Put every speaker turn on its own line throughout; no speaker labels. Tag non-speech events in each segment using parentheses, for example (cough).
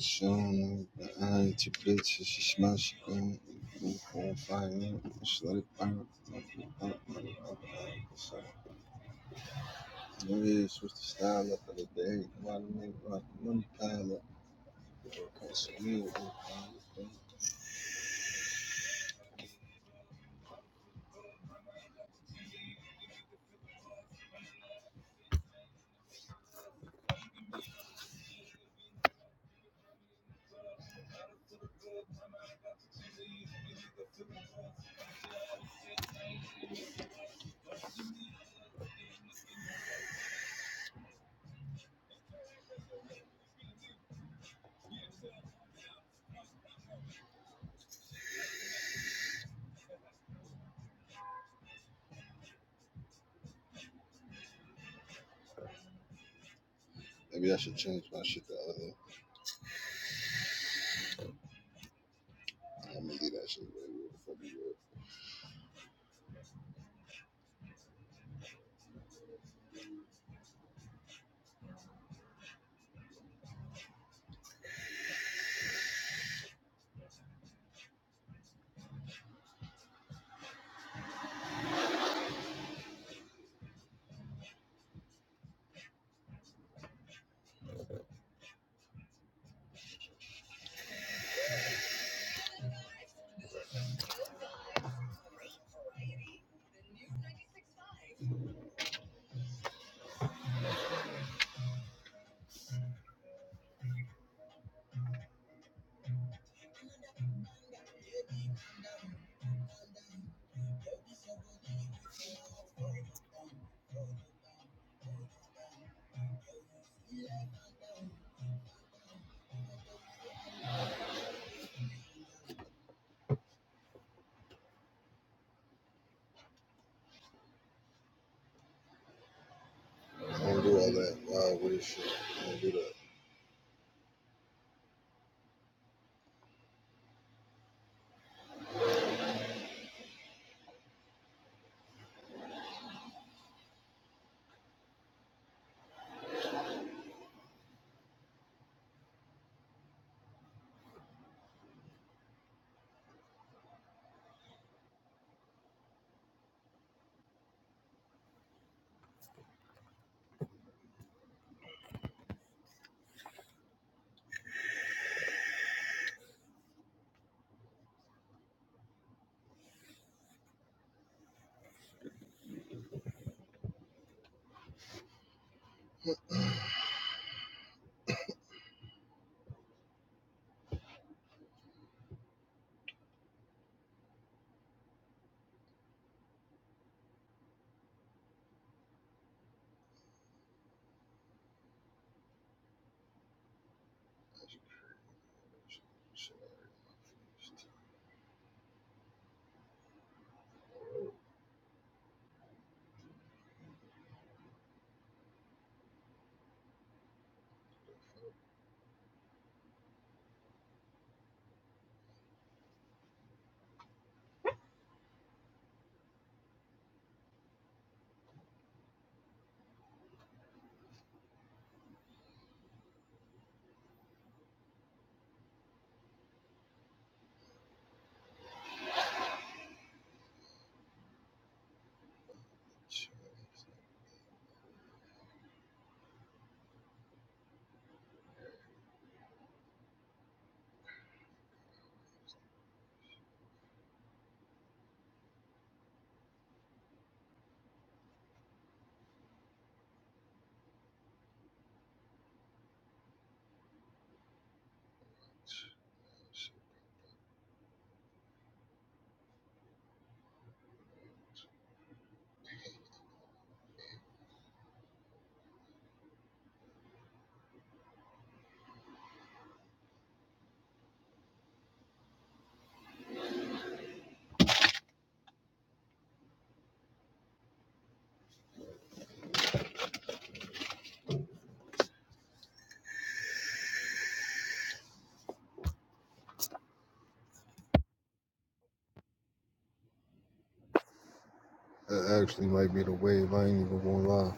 Shana anti plates smash going for fine slip Maybe it's supposed to style up for the day. Money make like money pile up because you Maybe I should change my shit the other day. I'm gonna do that shit I don't do all that wild weird shit. I don't do that. That actually might be the wave. I ain't even gonna lie.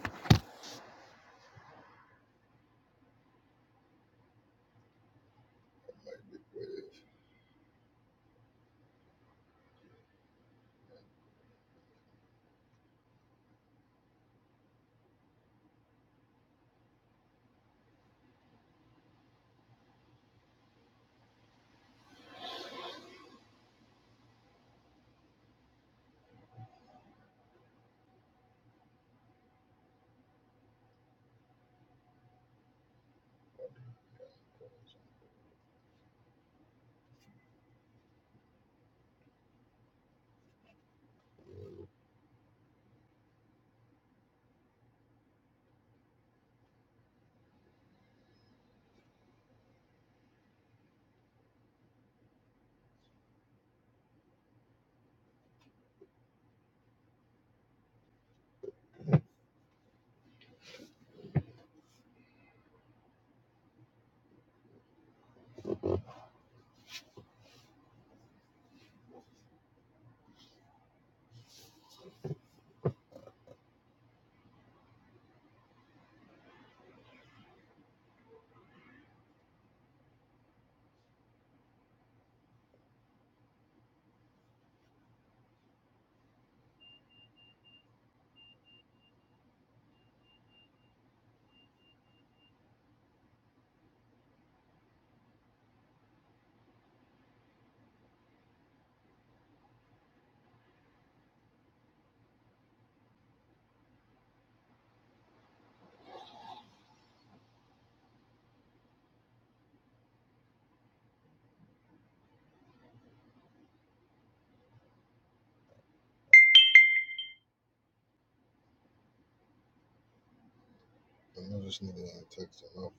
I know this nigga ain't texting my phone.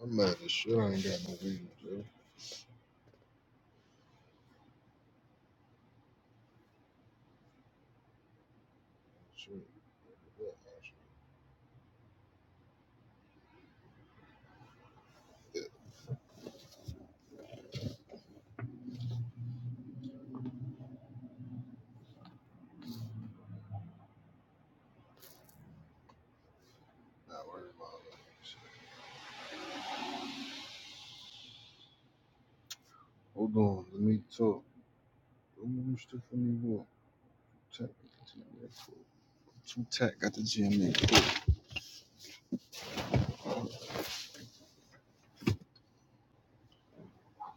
I'm mad as shit. I ain't got no videos. yo. Shit. Yeah, Not worried about that Hold on. Let me talk. Don't you still for me walk? Tech. Two tech got the gym in.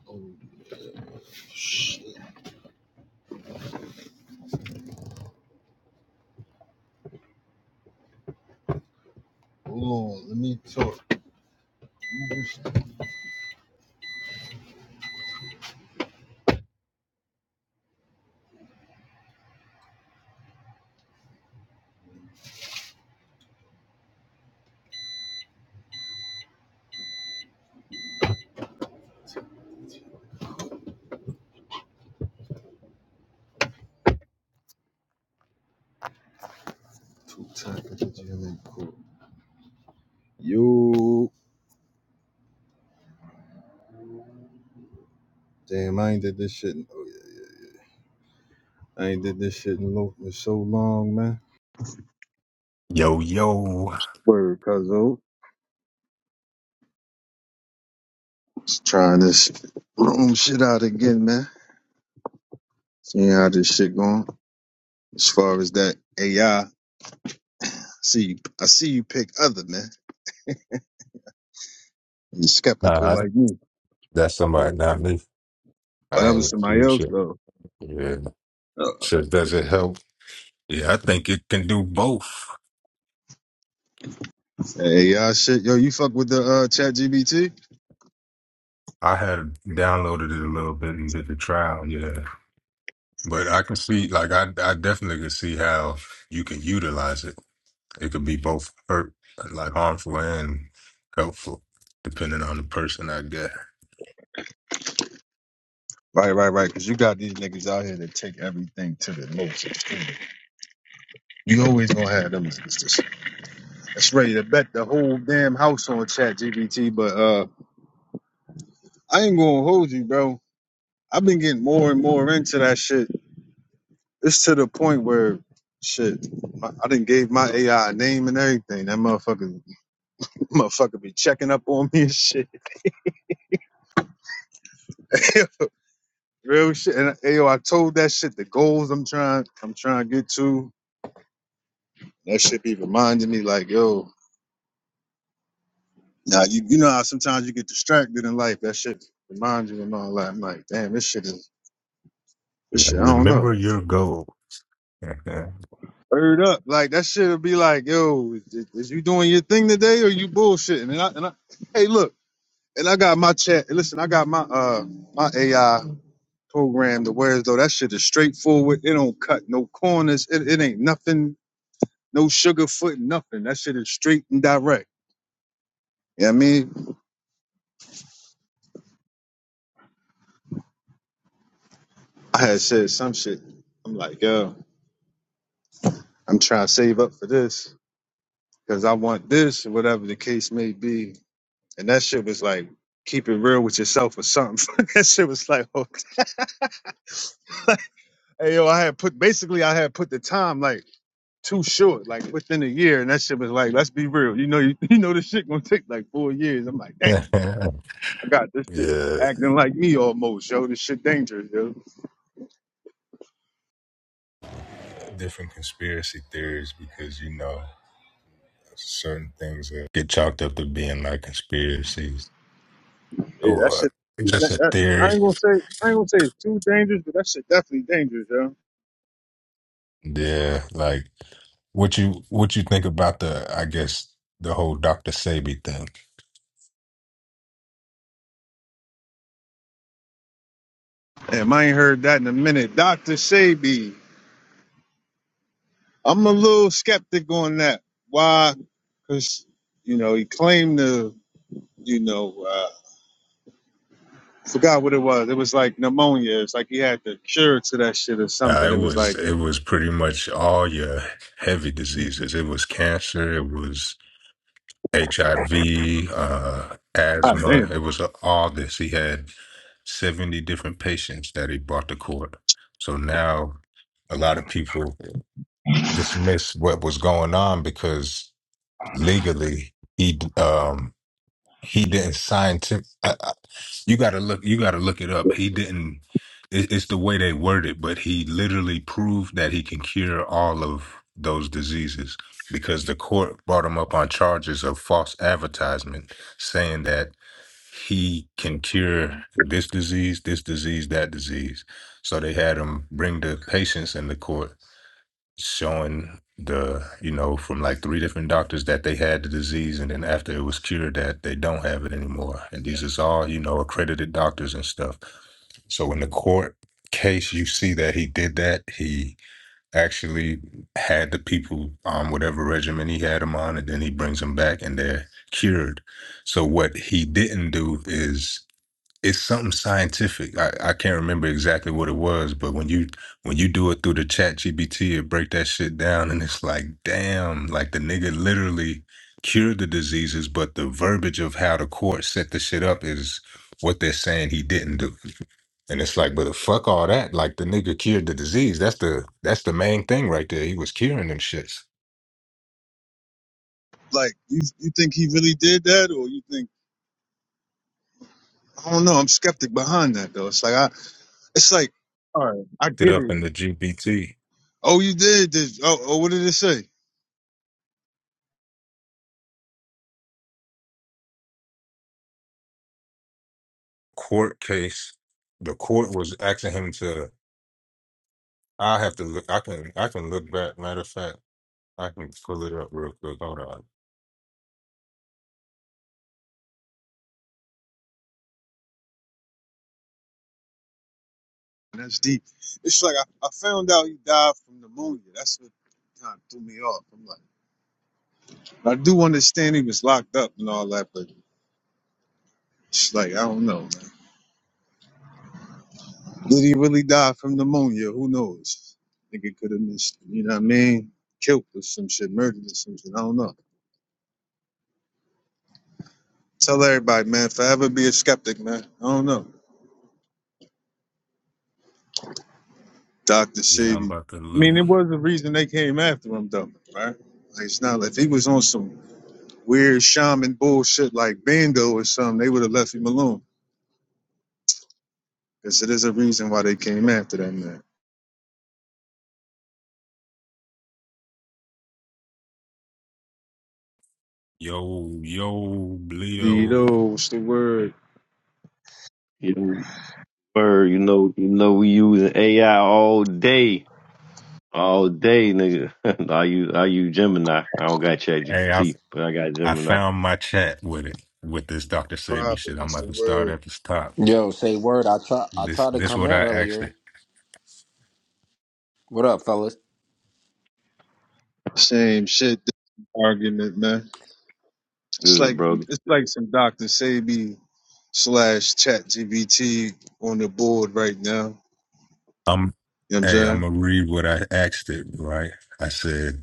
Oh shit. Hold on. Let me talk. Two tech got the gym in. Cool. Yo. Damn, I ain't did this shit. In, I ain't did this shit in, in so long, man.
Yo, yo.
Word, Cuzzo. Just trying this room shit out again, man. Seeing how this shit going. As far as that AI, see you, I see you pick other, man. You skeptical
Nah, I-
like me.
that's somebody, not me.
Oh,
I
that was
ain't
somebody
you
else
shit.
though.
Yeah.
Uh,
So does it help? Yeah, I think it can do both.
Hey, AI shit. Yo, you fuck with the uh, chat GBT?
I had downloaded it a little bit and did the trial, yeah. But I can see, like, I, I definitely can see how you can utilize it. It could be both hurt, like harmful and helpful, depending on the person I get.
Right, right, right. Cause you got these niggas out here that take everything to the most extreme. You always gonna have them niggas that's that's ready to bet the whole damn house on chat GBT, but uh I ain't gonna hold you, bro. I've been getting more and more into that shit. It's to the point where shit, I, I didn't gave my AI name and everything. That motherfucker, (laughs) motherfucker be checking up on me and shit. (laughs) Real shit. And yo, I told that shit the goals I'm trying, I'm trying to get to. That shit be reminding me like, yo, now you, you know how sometimes you get distracted in life. That shit remind you and all that. I'm like, damn, this shit is. This
Like,
shit, I don't know.
remember your goal.
Heard up, like that shit'll be like, yo, is, is you doing your thing today or you bullshitting? And I, and I, hey, look. And I got my chat. Listen, I got my uh my AI program to whereas though that shit is straightforward. It don't cut no corners. It, it ain't nothing, no sugar foot, nothing. That shit is straight and direct. Yeah, I mean, I had said some shit. I'm like, yo, I'm trying to save up for this because I want this, or whatever the case may be. And that shit was like, keep it real with yourself or something. (laughs) that shit was like, (laughs) oh, hey yo, I had put basically I had put the time like. too short, like within a year. And that shit was like, let's be real. You know, you, (laughs) you know, this shit gonna take like four years. I'm like, dang,
(laughs)
I got this shit
yeah.
acting like me almost, yo. This shit dangerous, yo.
different conspiracy theories because you know certain things that get chalked up to being like conspiracies
Yeah, that
or
shit.
just
That,
a
that-
theory.
I ain't gonna say, I ain't gonna say it's too dangerous, but that shit definitely dangerous, yo.
Yeah, like what you what you think about the I guess the whole Dr. Sebi thing.
Damn, I ain't heard that in a minute. Dr. Shabi, I'm a little skeptic on that. Why? Cause, you know, he claimed to, you know, uh, forgot what it was. It was like pneumonia. It's like he had the cure to that shit or
Uh,
something.
it
It was
was
like,
it was pretty much all your heavy diseases. It was cancer. It was HIV, uh,
God
asthma. It
damn.
was all this. He had 70 different patients that he brought to court. So now a lot of people dismiss what was going on because legally he um he didn't scientific I, I, you got to look you got to look it up. He didn't it, it's the way they word it, but he literally proved that he can cure all of those diseases because the court brought him up on charges of false advertisement saying that he can cure this disease, this disease, that disease. So they had him bring the patients in the court, showing the, you know, from like three different doctors that they had the disease. And then after it was cured, that they don't have it anymore. And these is all, you know, accredited doctors and stuff. So in the court case, you see that he did that. He actually had the people on whatever regimen he had them on, and then he brings them back and they're cured. So what he didn't do is it's something scientific. I, I can't remember exactly what it was, but when you when you do it through the chat GBT, it break that shit down and it's like, damn, like the nigga literally cured the diseases, but the verbiage of how the court set the shit up is what they're saying he didn't do. And it's like, but fuck all that. Like the nigga cured the disease. That's the that's the main thing right there. He was curing them shits.
Like, you, you think he really did that, or you think? I don't know. I'm skeptic behind that though. It's like I, it's like, All right. I
It
get
up
it.
in the GBT
oh, you did this. Oh, oh what did it say?
court case. The court was asking him to I have to look. I can. I can look back. Matter of fact, I can pull it up real quick. Hold on.
That's deep. It's like I, I found out he died from pneumonia. That's what kind of threw me off. I'm like, I do understand he was locked up and all that, but it's like I don't know. Man. Did he really die from pneumonia? Who knows? I Think it could have missed. You know what I mean? Killed or some shit, murdered or something. I don't know. Tell everybody, man, forever be a skeptic, man. I don't know. Dr.
Yeah, I'm
Sebi. I
about to look.
mean, it was a reason they came after him, though, right? Like, it's not like if he was on some weird shaman bullshit like Bando or something, they would have left him alone. Because it is a reason why they came after that man.
Yo, yo, Leo.
Vito, what's the word?
You bird, you know, you know, we using AI all day, all day, nigga. (laughs) I use I use Gemini. I don't got
Hey, I
ChatGPT, but I got
I
Gemini.
found my chat with it with this Dr. Sabi
Prophet,
shit. I'm
what's
about
the
to start
word?
at the top.
Yo, say word. I try. I
This
tried to
this
come
what
in
I asked it.
earlier. What up, fellas?
Same shit argument, man. It's
Good,
like
bro.
it's like some Dr. Sebi slash chat GBT on the board right now.
I'm.
You know what I'm
Hey,
saying?
I'm gonna read what I asked it. Right. I said.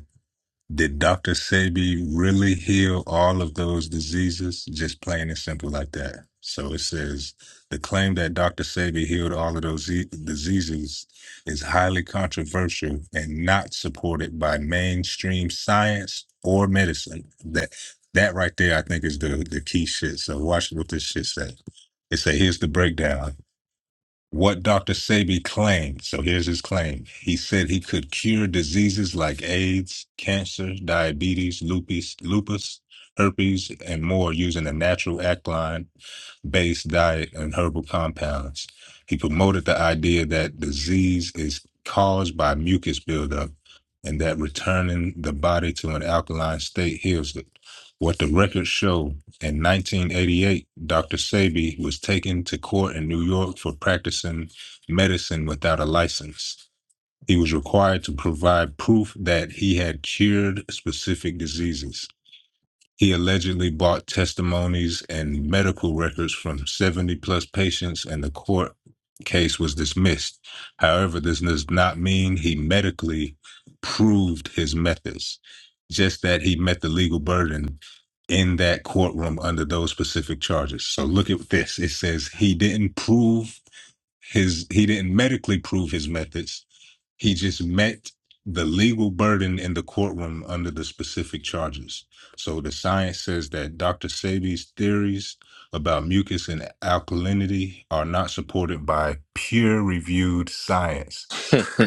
Did Dr. Sebi really heal all of those diseases? Just plain and simple like that. So it says the claim that Dr. Sebi healed all of those e- diseases is highly controversial and not supported by mainstream science or medicine. That that right there, I think, is the the key shit. So watch what this shit say. It say here's the breakdown what Dr. Sebi claimed. So here's his claim. He said he could cure diseases like AIDS, cancer, diabetes, lupus, lupus, herpes, and more using a natural alkaline based diet and herbal compounds. He promoted the idea that disease is caused by mucus buildup and that returning the body to an alkaline state heals it. What the records show in 1988, Dr. Sebi was taken to court in New York for practicing medicine without a license. He was required to provide proof that he had cured specific diseases. He allegedly bought testimonies and medical records from 70 plus patients, and the court case was dismissed. However, this does not mean he medically proved his methods, just that he met the legal burden in that courtroom under those specific charges. So look at this. It says he didn't prove his, he didn't medically prove his methods he just met the legal burden in the courtroom under the specific charges. So the science says that Dr. Sebi's theories about mucus and alkalinity are not supported by peer reviewed science.
(laughs)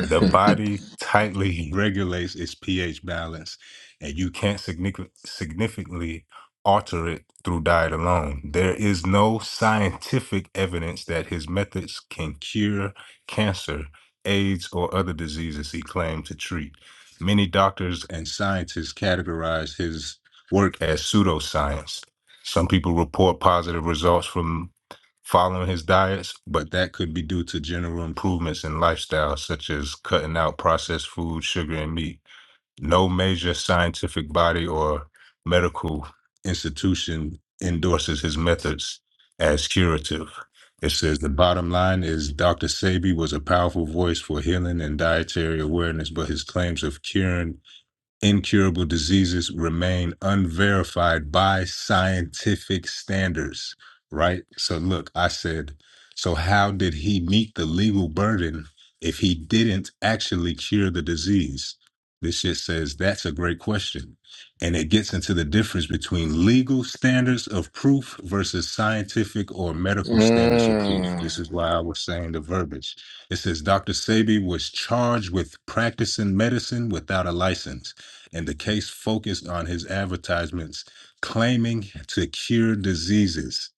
The body tightly regulates its pH balance, and you can't signifi- significantly alter it through diet alone. There is no scientific evidence that his methods can cure cancer, AIDS, or other diseases he claimed to treat. Many doctors and scientists categorize his work as pseudoscience. Some people report positive results from following his diets, but that could be due to general improvements in lifestyle, such as cutting out processed food, sugar, and meat. No major scientific body or medical institution endorses his methods as curative. It says the bottom line is Dr. Sabi was a powerful voice for healing and dietary awareness, but his claims of curing incurable diseases remain unverified by scientific standards, right? So, look, I said, so how did he meet the legal burden if he didn't actually cure the disease? This shit says that's a great question. And it gets into the difference between legal standards of proof versus scientific or medical standards of proof.
mm.
This is why I was saying the verbiage. It says Dr. Sabi was charged with practicing medicine without a license and the case focused on his advertisements claiming to cure diseases.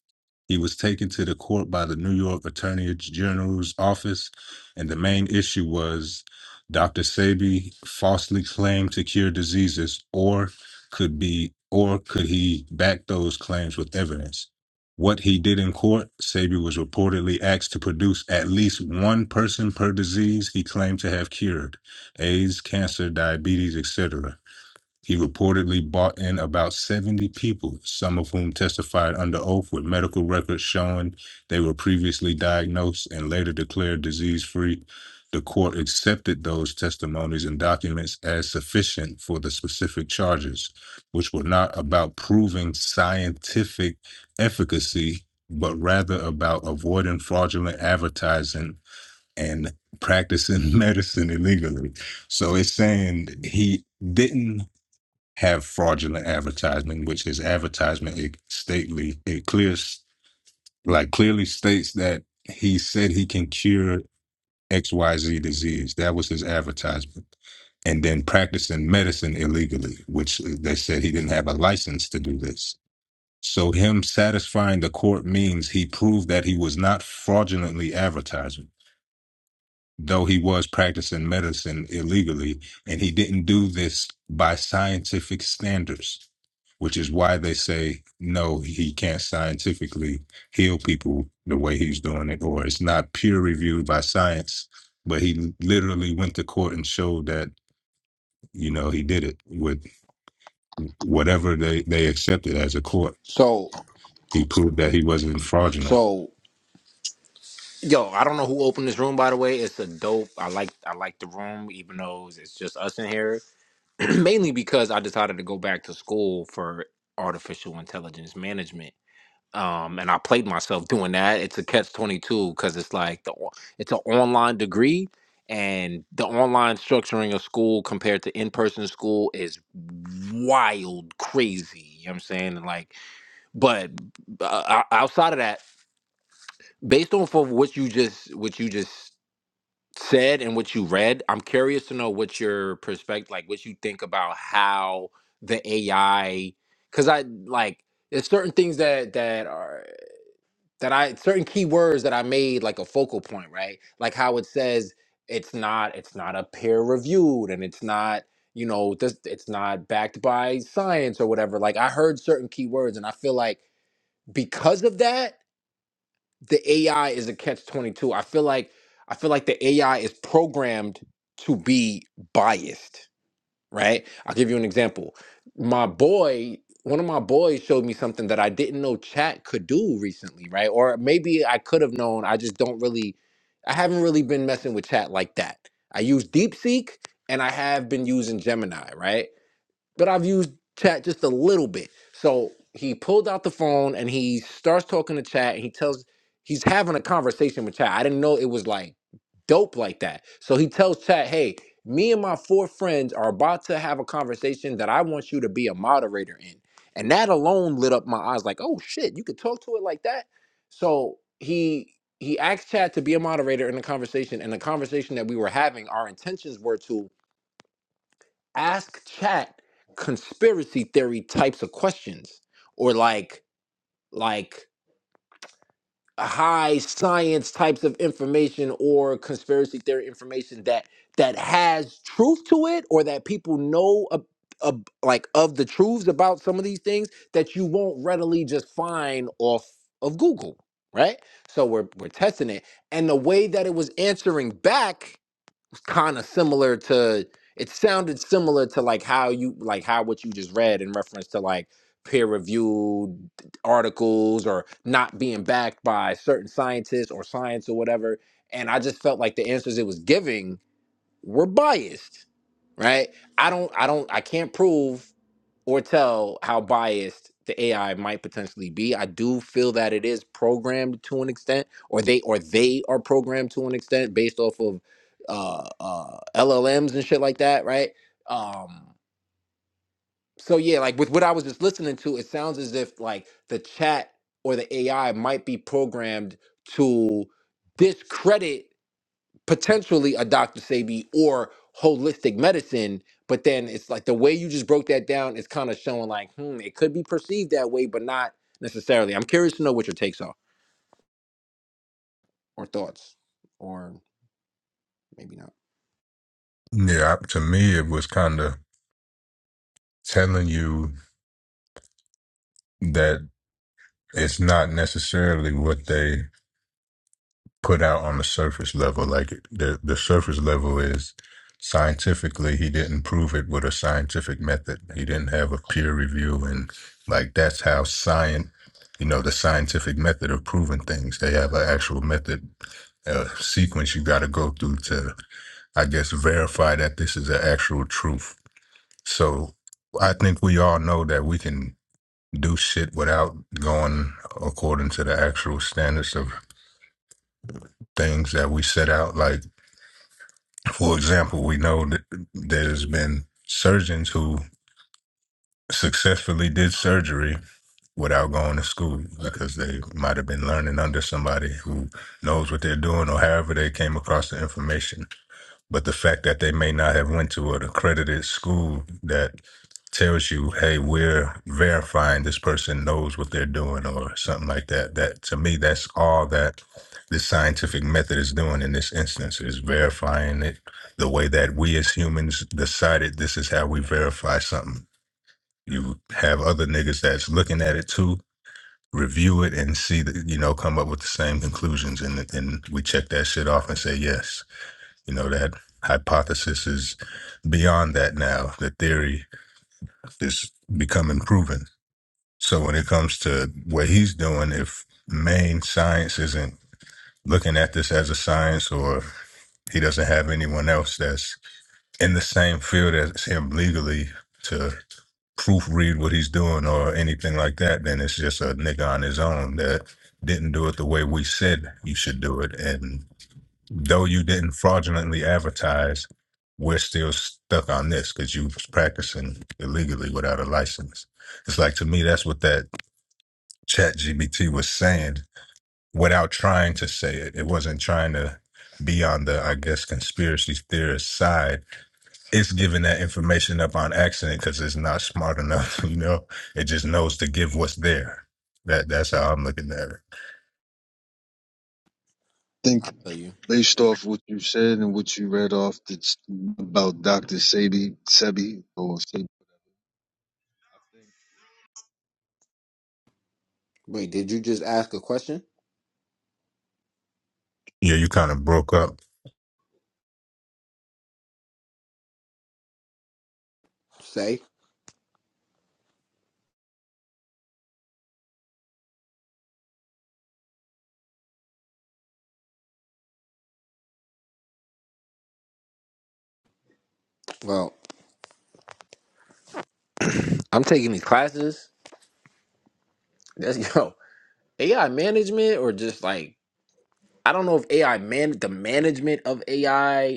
He was taken to the court by the New York Attorney General's office, and the main issue was Dr. Sebi falsely claimed to cure diseases, or could be, or could he back those claims with evidence? What he did in court, Sebi was reportedly asked to produce at least one person per disease he claimed to have cured: AIDS, cancer, diabetes, etc. He reportedly bought in about 70 people, some of whom testified under oath with medical records showing they were previously diagnosed and later declared disease free. The court accepted those testimonies and documents as sufficient for the specific charges, which were not about proving scientific efficacy, but rather about avoiding fraudulent advertising and practicing (laughs) medicine illegally. So it's saying he didn't have fraudulent advertisement, which is advertisement it stately it clears like clearly states that he said he can cure XYZ disease. That was his advertisement. And then practicing medicine illegally, which they said he didn't have a license to do this. So him satisfying the court means he proved that he was not fraudulently advertising though he was practicing medicine illegally, and he didn't do this by scientific standards, which is why they say no, he can't scientifically heal people the way he's doing it, or it's not peer reviewed by science. But he literally went to court and showed that you know he did it with whatever they they accepted as a court.
So,
He proved that he wasn't fraudulent.
so, yo, I don't know who opened this room. By the way, it's a dope. I like. I like the room, even though it's it's just us in here. (clears throat) Mainly because I decided to go back to school for artificial intelligence management. um, and I played myself doing that. It's a catch twenty two because it's like the o- it's an online degree, and the online structuring of school compared to in person school is wild, crazy. You know what I'm saying? And like, but uh, o- outside of that, based off of what you just what you just said and what you read, I'm curious to know what your perspective, like what you think about how the AI, because I like there's certain things that that are that I certain keywords that I made like a focal point, right? Like how it says it's not it's not a peer reviewed and it's not you know this it's not backed by science or whatever. Like I heard certain keywords and I feel like because of that the AI is a catch 22. I feel like I feel like the AI is programmed to be biased right? I'll give you an example. My boy, one of my boys showed me something that I didn't know chat could do recently, right? Or maybe I could have known. I just don't really, I haven't really been messing with chat like that. I use DeepSeek and I have been using Gemini, right? but I've used chat just a little bit. So he pulled out the phone and he starts talking to chat and he tells he's having a conversation with chat. I didn't know it was like dope like that. So he tells chat, hey, me and my four friends are about to have a conversation that I want you to be a moderator in. And that alone lit up my eyes like, oh shit, you could talk to it like that. So he he asked chat to be a moderator in the conversation and the conversation that we were having our intentions were to ask chat conspiracy theory types of questions or like like high science types of information or conspiracy theory information that that has truth to it or that people know ab- ab- like of the truths about some of these things that you won't readily just find off of Google right so we're we're testing it and the way that it was answering back kind of similar to it sounded similar to like how you like how what you just read in reference to like peer reviewed articles or not being backed by certain scientists or science or whatever and i just felt like the answers it was giving we're biased, right? I don't, I don't, I can't prove or tell how biased the AI might potentially be. I do feel that it is programmed to an extent, or they, or they are programmed to an extent based off of uh, uh, LLMs and shit like that, right? Um, so yeah, like with what I was just listening to, it sounds as if like the chat or the AI might be programmed to discredit potentially a Dr. Sebi or holistic medicine. But then it's like the way you just broke that down is kind of showing like, hmm, it could be perceived that way, but not necessarily. I'm curious to know what your takes are or thoughts, or maybe not.
Yeah, to me, it was kind of telling you that. it's not necessarily what they put out on the surface level. Like the the surface level is scientifically, he didn't prove it with a scientific method. He didn't have a peer review, and like that's how science, you know, the scientific method of proving things. They have an actual method, a sequence you got to go through to, I guess, verify that this is an actual truth. So I think we all know that we can do shit without going according to the actual standards of things that we set out. Like, for example, we know that there's been surgeons who successfully did surgery without going to school because they might have been learning under somebody who knows what they're doing or however they came across the information. But the fact that they may not have went to an accredited school that tells you, hey, we're verifying this person knows what they're doing or something like that. That to me, that's all that the scientific method is doing in this instance is verifying it the way that we as humans decided this is how we verify something. You have other niggas that's looking at it too, review it and see that, you know, come up with the same conclusions and and we check that shit off and say, yes, you know, that hypothesis is beyond that now. The theory is becoming proven. So when it comes to what he's doing, if main science isn't looking at this as a science or he doesn't have anyone else that's in the same field as him legally to proofread what he's doing or anything like that, then it's just a nigga on his own that didn't do it the way we said you should do it. And though you didn't fraudulently advertise, we're still stuck on this because you was practicing illegally without a license. It's like to me, that's what that ChatGPT was saying without trying to say it. It wasn't trying to be on the, I guess, conspiracy theorist side. It's giving that information up on accident because it's not smart enough, (laughs) you know? It just knows to give what's there. That that's how I'm looking at it.
I
think
tell you.
based off what you said and what you read off that's about Dr. Sebi Sebi, or Sebi,
Wait, did you just ask a question?
Yeah, you kind of broke up.
Say, well, I'm taking these classes. That's (laughs) yo AI management or just like I don't know if AI man the management of AI.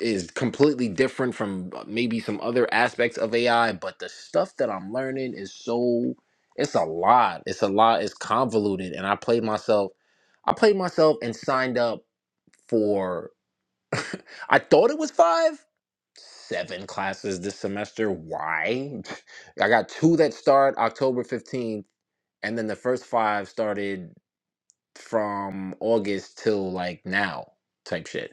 is completely different from uh, maybe some other aspects of AI, but the stuff that I'm learning is so it's a lot. It's a lot. It's convoluted, and I played myself. I played myself and signed up for. (laughs) I thought it was five, seven classes this semester. Why? (laughs) I got two that start October fifteenth, and then the first five started from August till like now, type shit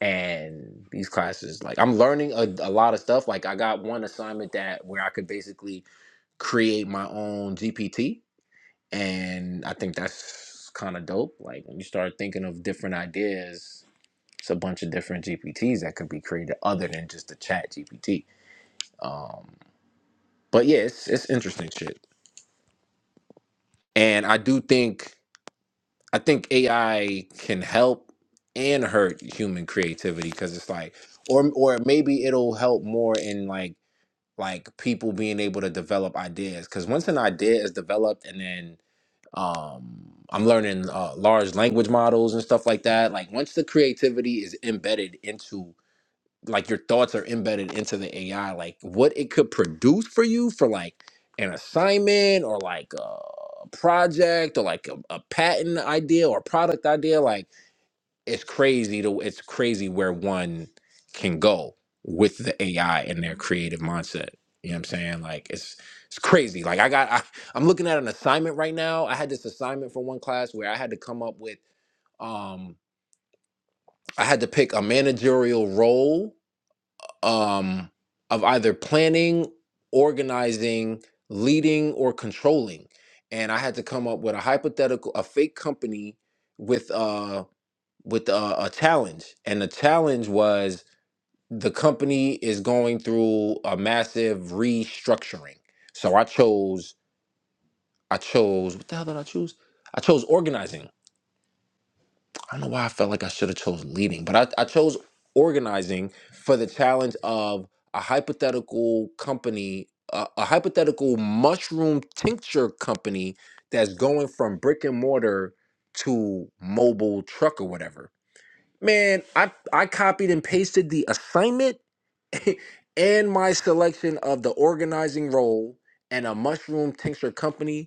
and these classes like i'm learning a, a lot of stuff like i got one assignment that where i could basically create my own gpt and i think that's kind of dope like when you start thinking of different ideas it's a bunch of different gpts that could be created other than just the chat gpt um but yeah it's, it's interesting shit and i do think i think ai can help and hurt human creativity because it's like or or maybe it'll help more in like like people being able to develop ideas because once an idea is developed and then um i'm learning uh, large language models and stuff like that like once the creativity is embedded into like your thoughts are embedded into the ai like what it could produce for you for like an assignment or like a project or like a, a patent idea or product idea like it's crazy to it's crazy where one can go with the AI and their creative mindset. You know what I'm saying? Like it's it's crazy. Like I got (laughs) I, I'm looking at an assignment right now. I had this assignment for one class where I had to come up with um I had to pick a managerial role um of either planning, organizing, leading or controlling. And I had to come up with a hypothetical a fake company with uh, with a, a challenge, and the challenge was the company is going through a massive restructuring. So I chose, I chose, what the hell did I choose? I chose organizing. I don't know why I felt like I should have chose leading, but I, I chose organizing for the challenge of a hypothetical company, a, a hypothetical mushroom tincture company that's going from brick and mortar to mobile truck or whatever Man, I I copied and pasted the assignment (laughs) and my selection of the organizing role and a mushroom tincture company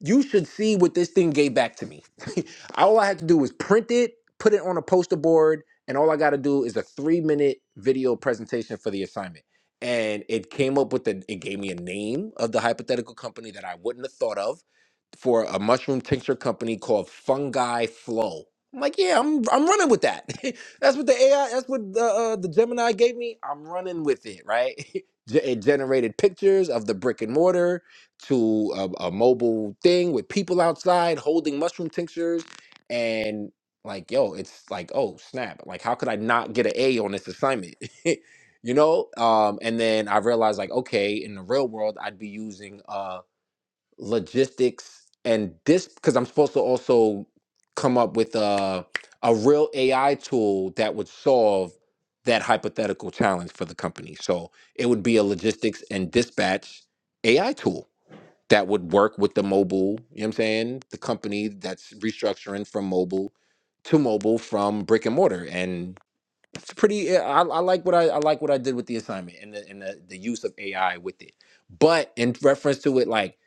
you should see what this thing gave back to me. (laughs) all I had to do was print it, put it on a poster board, and all I got to do is a three minute video presentation for the assignment. And it came up with the, it gave me a name of the hypothetical company that I wouldn't have thought of for a mushroom tincture company called Fungi Flow. I'm like, yeah, I'm I'm running with that. (laughs) that's what the AI, that's what the uh, the Gemini gave me. I'm running with it, right? (laughs) Ge- it generated pictures of the brick and mortar to a, a mobile thing with people outside holding mushroom tinctures and like yo it's like oh snap like how could i not get an a on this assignment (laughs) you know um and then i realized like okay in the real world i'd be using uh logistics and this because i'm supposed to also come up with a a real ai tool that would solve that hypothetical challenge for the company so it would be a logistics and dispatch ai tool that would work with the mobile, you know what I'm saying? The company that's restructuring from mobile to mobile from brick and mortar. And it's pretty eh, I, I like what I, I like what I did with the assignment and the and the, the use of AI with it. But in reference to it like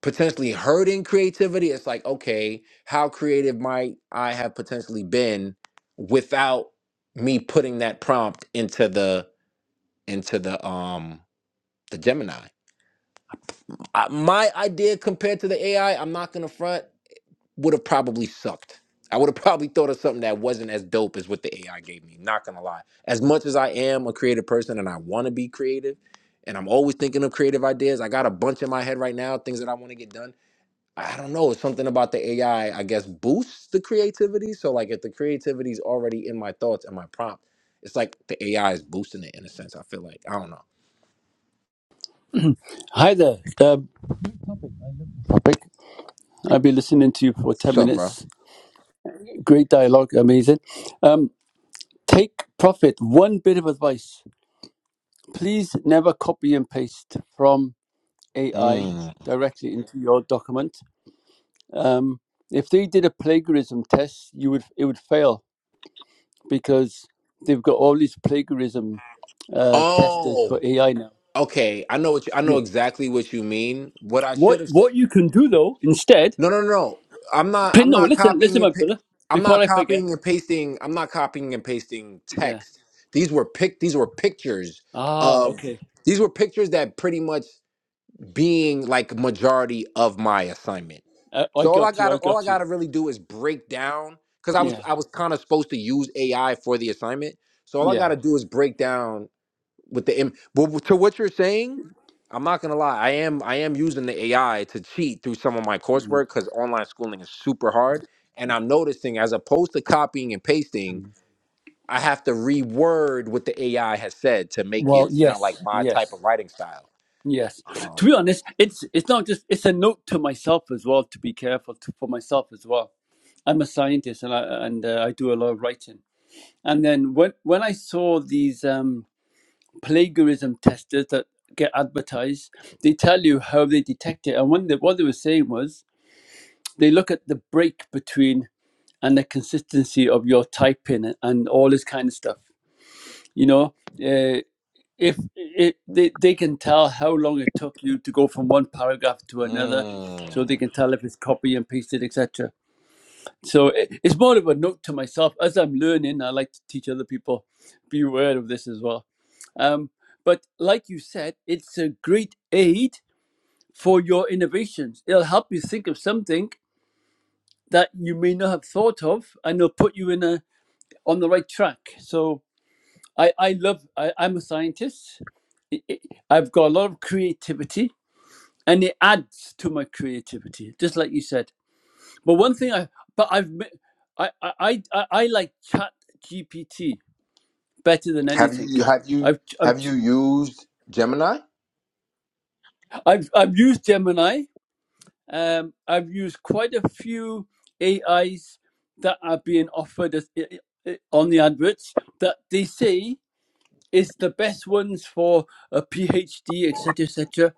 potentially hurting creativity, it's like, okay, how creative might I have potentially been without me putting that prompt into the into the um the Gemini. I, my idea compared to the AI, I'm not gonna front would have probably sucked. I would have (laughs) probably thought of something that wasn't as dope as what the AI gave me. Not gonna lie. As much as I am a creative person and I want to be creative, and I'm always thinking of creative ideas, I got a bunch in my head right now, things that I want to get done. I don't know. It's something about the AI, I I guess, boosts the creativity. So like, if the creativity is already in my thoughts and my prompt, it's like the AI is boosting it in a sense. I feel like I don't know.
(clears throat) Hi there, uh, Rick. I've been listening to you for 10
What's up, bro?
minutes. Great dialogue, amazing. Um, take profit. One bit of advice please never copy and paste from AI
Mm.
directly into your document. Um, if they did a plagiarism test, you would it would fail because they've got all these plagiarism uh, testers for
Oh,
AI now.
okay. I know what you, I know
Yeah.
exactly what you mean. What I should
What
have said.
what you can do though instead?
No, no, no. I'm not.
Pin-
I'm
No,
not
listen, listen,
copying
my
and. Pa-
brother.
I'm
Before
not
I forget,
copying and pasting. I'm not copying and pasting
yeah
text. These were pic. These were pictures
Ah,
of.
okay.
These were pictures that pretty much being like majority of my assignment.
I, I
So all I
got you.
got. to
I
All I
got you.
got to really do is break down because I was.
Yeah.
I was kind of supposed to use AI for the assignment. So all I got
Yeah.
to do is break down with the im- but to what you're saying i'm not gonna lie i am i am using the ai to cheat through some of my
Mm,
coursework because online schooling is super hard and i'm noticing as opposed to copying and pasting
mm.
i have to reword what the ai has said to make
Well,
it sound
yes,
like my type
yes,
of writing style
yes. To
um,
be honest, it's it's not just it's a note to myself as well to be careful to, for myself as well. I'm a scientist and I and uh, I do a lot of writing. And then when when I saw these um, plagiarism testers that get advertised, they tell you how they detect it. And one they, what they were saying was they look at the break between and the consistency of your typing and all this kind of stuff. You know, uh, if it, they they can tell how long it took you to go from one paragraph to another, so they
mm.
can tell if it's copy and pasted, etc. So it, it's more of a note to myself as I'm learning. I like to teach other people. Be aware of this as well. Um, but like you said, it's a great aid for your innovations. It'll help you think of something that you may not have thought of, and it'll put you in a on the right track. So I, I love, I, I'm a scientist. I- I- I've got a lot of creativity and it adds to my creativity, just like you said. But one thing I, but I've, I, I, I, I like chat GPT better than
have
anything.
you have you
I've, I've,
have you used gemini
I've, I've used Gemini. Um, I've used quite a few AIs that are being offered as, on the adverts that they say Is the best ones for a PhD, etc., etc.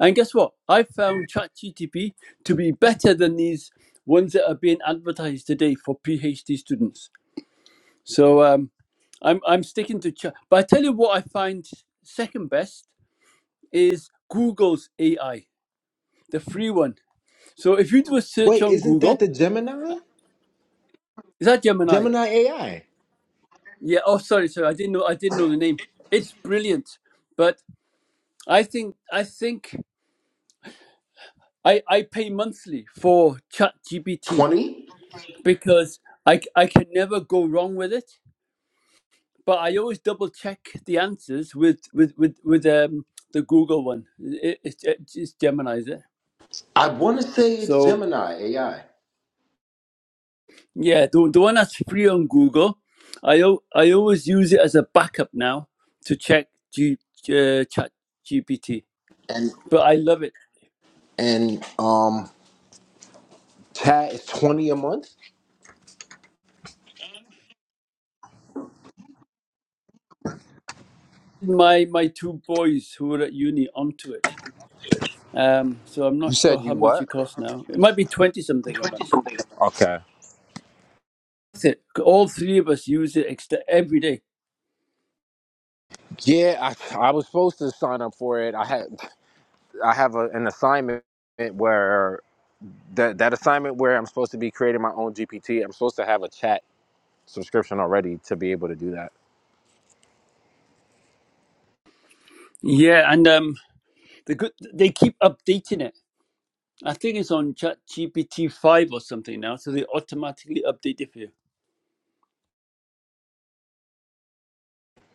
And guess what? I found ChatGTP to be better than these ones that are being advertised today for PhD students. So um, I'm I'm sticking to Chat. But I tell you what, I find second best is Google's AI, the free one. So if you do a search
wait
on
isn't that
Google,
the gemini
is that Gemini?
gemini ai
Yeah. Oh, sorry, sorry. I didn't know. I didn't know the name. It's brilliant. But I think I think I, I pay monthly for ChatGPT
20
because I I can never go wrong with it, but I always double check the answers with with with, with um the Google one. It, it, it, it's Gemini, is it?
i want to say it's
So
gemini ai
yeah, the, the one that's free on Google, I al- I always use it as a backup now to check G, uh, ChatGPT. But I love it.
and um Tad is twenty a month.
My my two boys who were at uni onto it. Um, so I'm not
You
sure
said
how
you
much
what?
it costs now. It might be twenty something a month.
Okay.
That's it. All three of us use it extra every day.
Yeah, I, I was supposed to sign up for it. I had I have a, an assignment where that that assignment where I'm supposed to be creating my own GPT. I'm supposed to have a chat subscription already to be able to do that.
Yeah, and um, the good they keep updating it. I think it's on Chat GPT five or something now, so they automatically update it for you.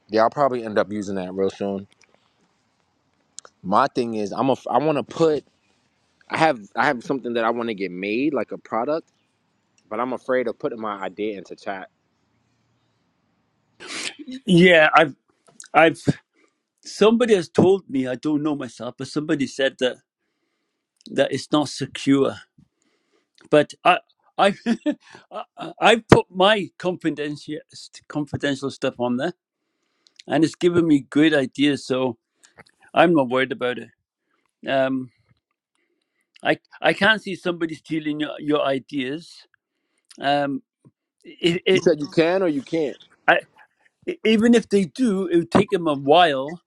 Yeah, I'll probably end up using that real soon. My thing is I'm a, I want to put I have I have something that I want to get made like a product, but I'm afraid of putting my idea into chat.
Yeah, I've I've somebody has told me I don't know myself, but somebody said that that it's not secure. But I I (laughs) I I've put my confidential confidential stuff on there, and it's given me great ideas. So I'm not worried about it. Um, I I can't see somebody stealing your, your ideas. Um, it,
You
it
said you can or you can't.
I, e, even if they do, it would take them a while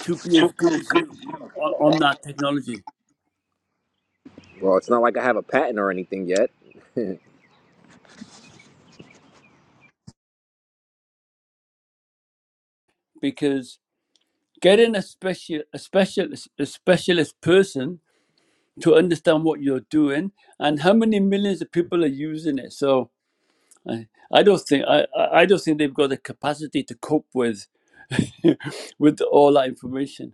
to be as good as you on, on that technology
Well, it's not like I have a patent or anything yet.
because getting a special a specialist a specialist person to understand what you're doing and how many millions of people are using it. So I, I don't think I, I I don't think they've got the capacity to cope with (laughs) with all that information.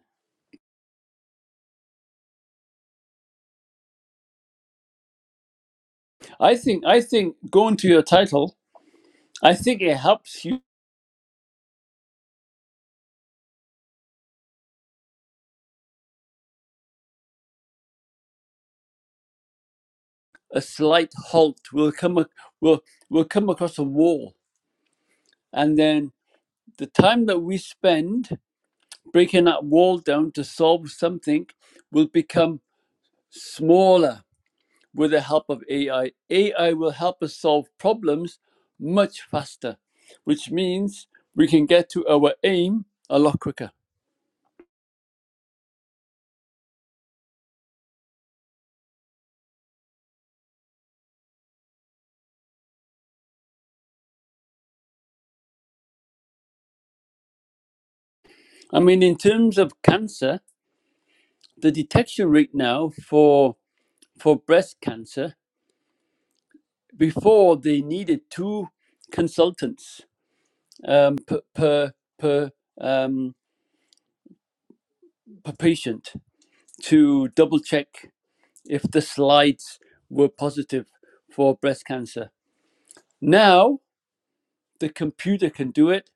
I think I think going to your title, I think it helps you. A slight halt will come ac- will will come across a wall, and then the time that we spend breaking that wall down to solve something will become smaller with the help of AI. AI will help us solve problems much faster, which means we can get to our aim a lot quicker. I mean, in terms of cancer, the detection rate now for for breast cancer before they needed two consultants um, per per per, um, per patient to double check if the slides were positive for breast cancer. Now the computer can do it,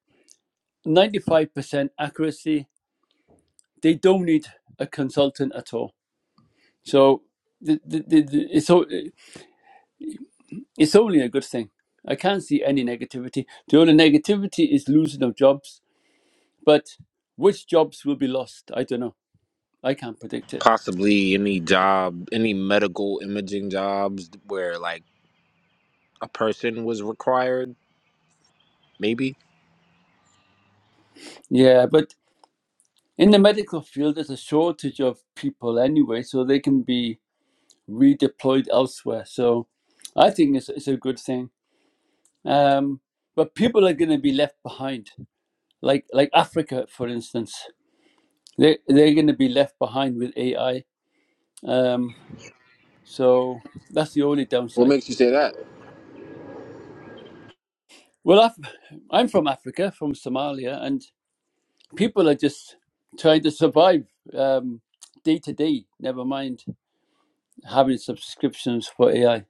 95% accuracy. They don't need a consultant at all. So the, the, the, the- it's, o- it's only a good thing. I can't see any negativity. The only negativity is losing of jobs But which jobs will be lost? I don't know. I can't predict it.
possibly any job, any medical imaging jobs where like a person was required, maybe.
Yeah, but in the medical field, there's a shortage of people anyway, so they can be redeployed elsewhere. So I think it's, it's a good thing. Um, but people are going to be left behind, like like Africa, for instance. They they're going to be left behind with AI. Um, so that's the only
What
downside.
makes you say that?
Well, Af- I'm from Africa, from Somalia, and people are just trying to survive um, day to day. Never mind having subscriptions for AI.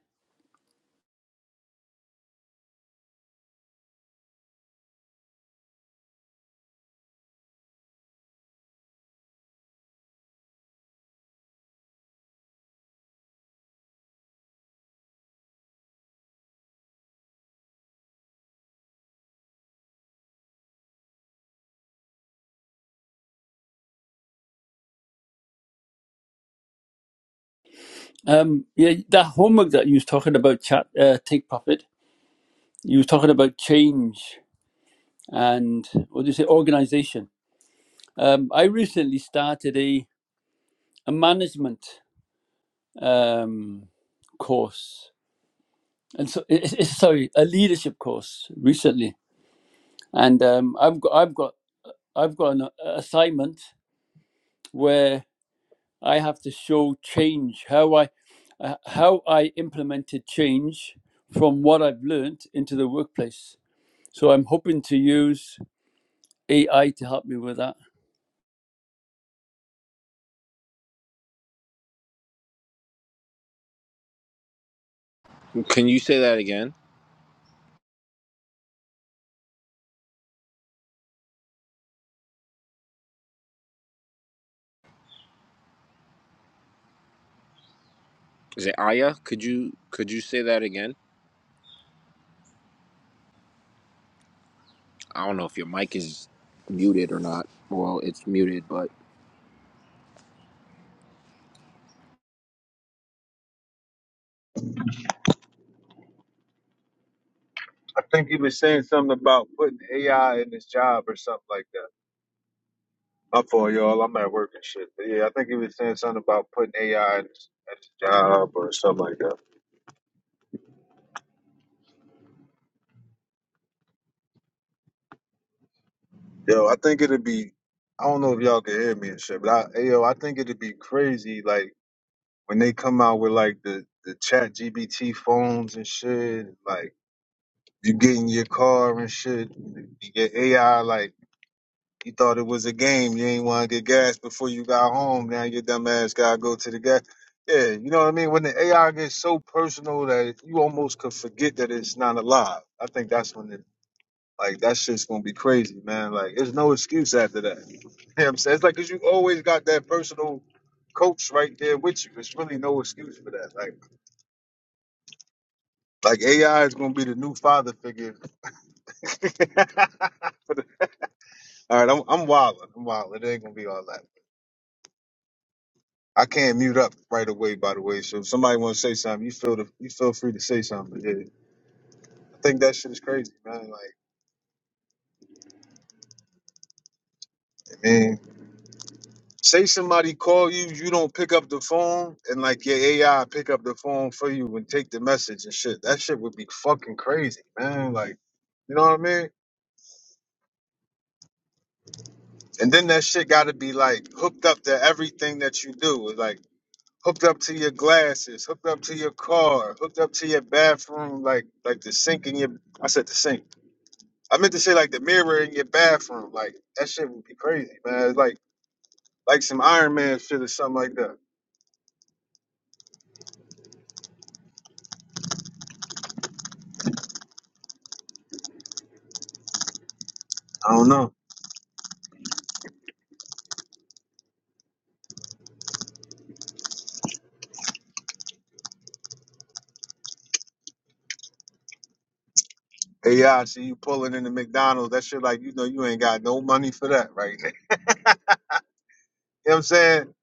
Um, yeah, that homework that you was talking about, chat, uh, take profit. You was talking about change and what do you say, organization. Um, I recently started a a management um, course, and so it, it's sorry, a leadership course recently, and um, I've got I've got I've got an assignment where I have to show change, how I uh, how I implemented change from what I've learned into the workplace. So I'm hoping to use AI to help me with that.
Can you say that again? Is it Aya? Could you could you say that again? I don't know if your mic is muted or not. Well, it's muted, but
I think he was saying something about putting AI in his job or something like that. My fault, y'all. I'm at work and shit. But yeah, I think he was saying something about putting AI in his, at his job or something like that. Yo, I think it'd be. I don't know if y'all can hear me and shit, but I, hey, yo, I think it'd be crazy. Like when they come out with like the the Chat GBT phones and shit. Like you get in your car and shit. You get AI. Like you thought it was a game. You ain't want to get gas before you got home. Now your dumb ass gotta go to the gas. Yeah, you know what I mean. When the AI gets so personal that you almost could forget that it's not alive. I think that's when it like that shit's gonna be crazy, man. Like there's no excuse after that. (laughs) You know what I'm saying? It's like 'cause you always got that personal coach right there with you. There's really no excuse for that. Like like AI is gonna be the new father figure. (laughs) For the- all right, I'm I'm wilding. I'm wilding. It ain't gonna be all that. I can't mute up right away, by the way. So if somebody wanna say something, you feel the, you feel free to say something. But yeah, I think that shit is crazy, man. Like man. Say somebody call you, you don't pick up the phone, and like your AI pick up the phone for you and take the message and shit. That shit would be fucking crazy, man. Like, you know what I mean? And then that shit got to be like hooked up to everything that you do. It's, Like hooked up to your glasses, hooked up to your car, hooked up to your bathroom, like like the sink in your. I said the sink. I meant to say like the mirror in your bathroom. Like that shit would be crazy, man. It's like like some Iron Man shit or something like that. I don't know. Hey, yeah, see you pulling in the McDonald's. That shit, like, you know, you ain't got no money for that right now. (laughs) You know what I'm saying?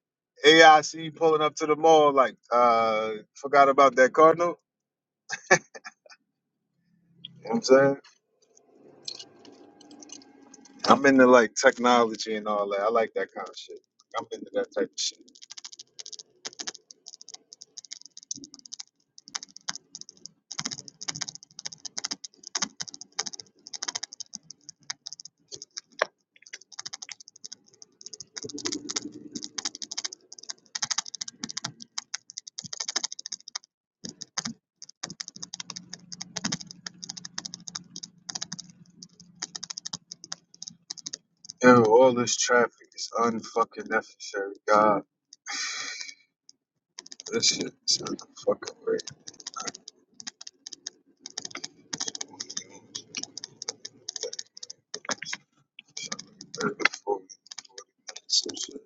Hey, I see you pulling up to the mall, like, uh, forgot about that Cardinal. You know what I'm saying? I'm into, like, technology and all that. I like that kind of shit. I'm into that type of shit. Yo, all this traffic is unfucking necessary. God, this shit is unfucking real.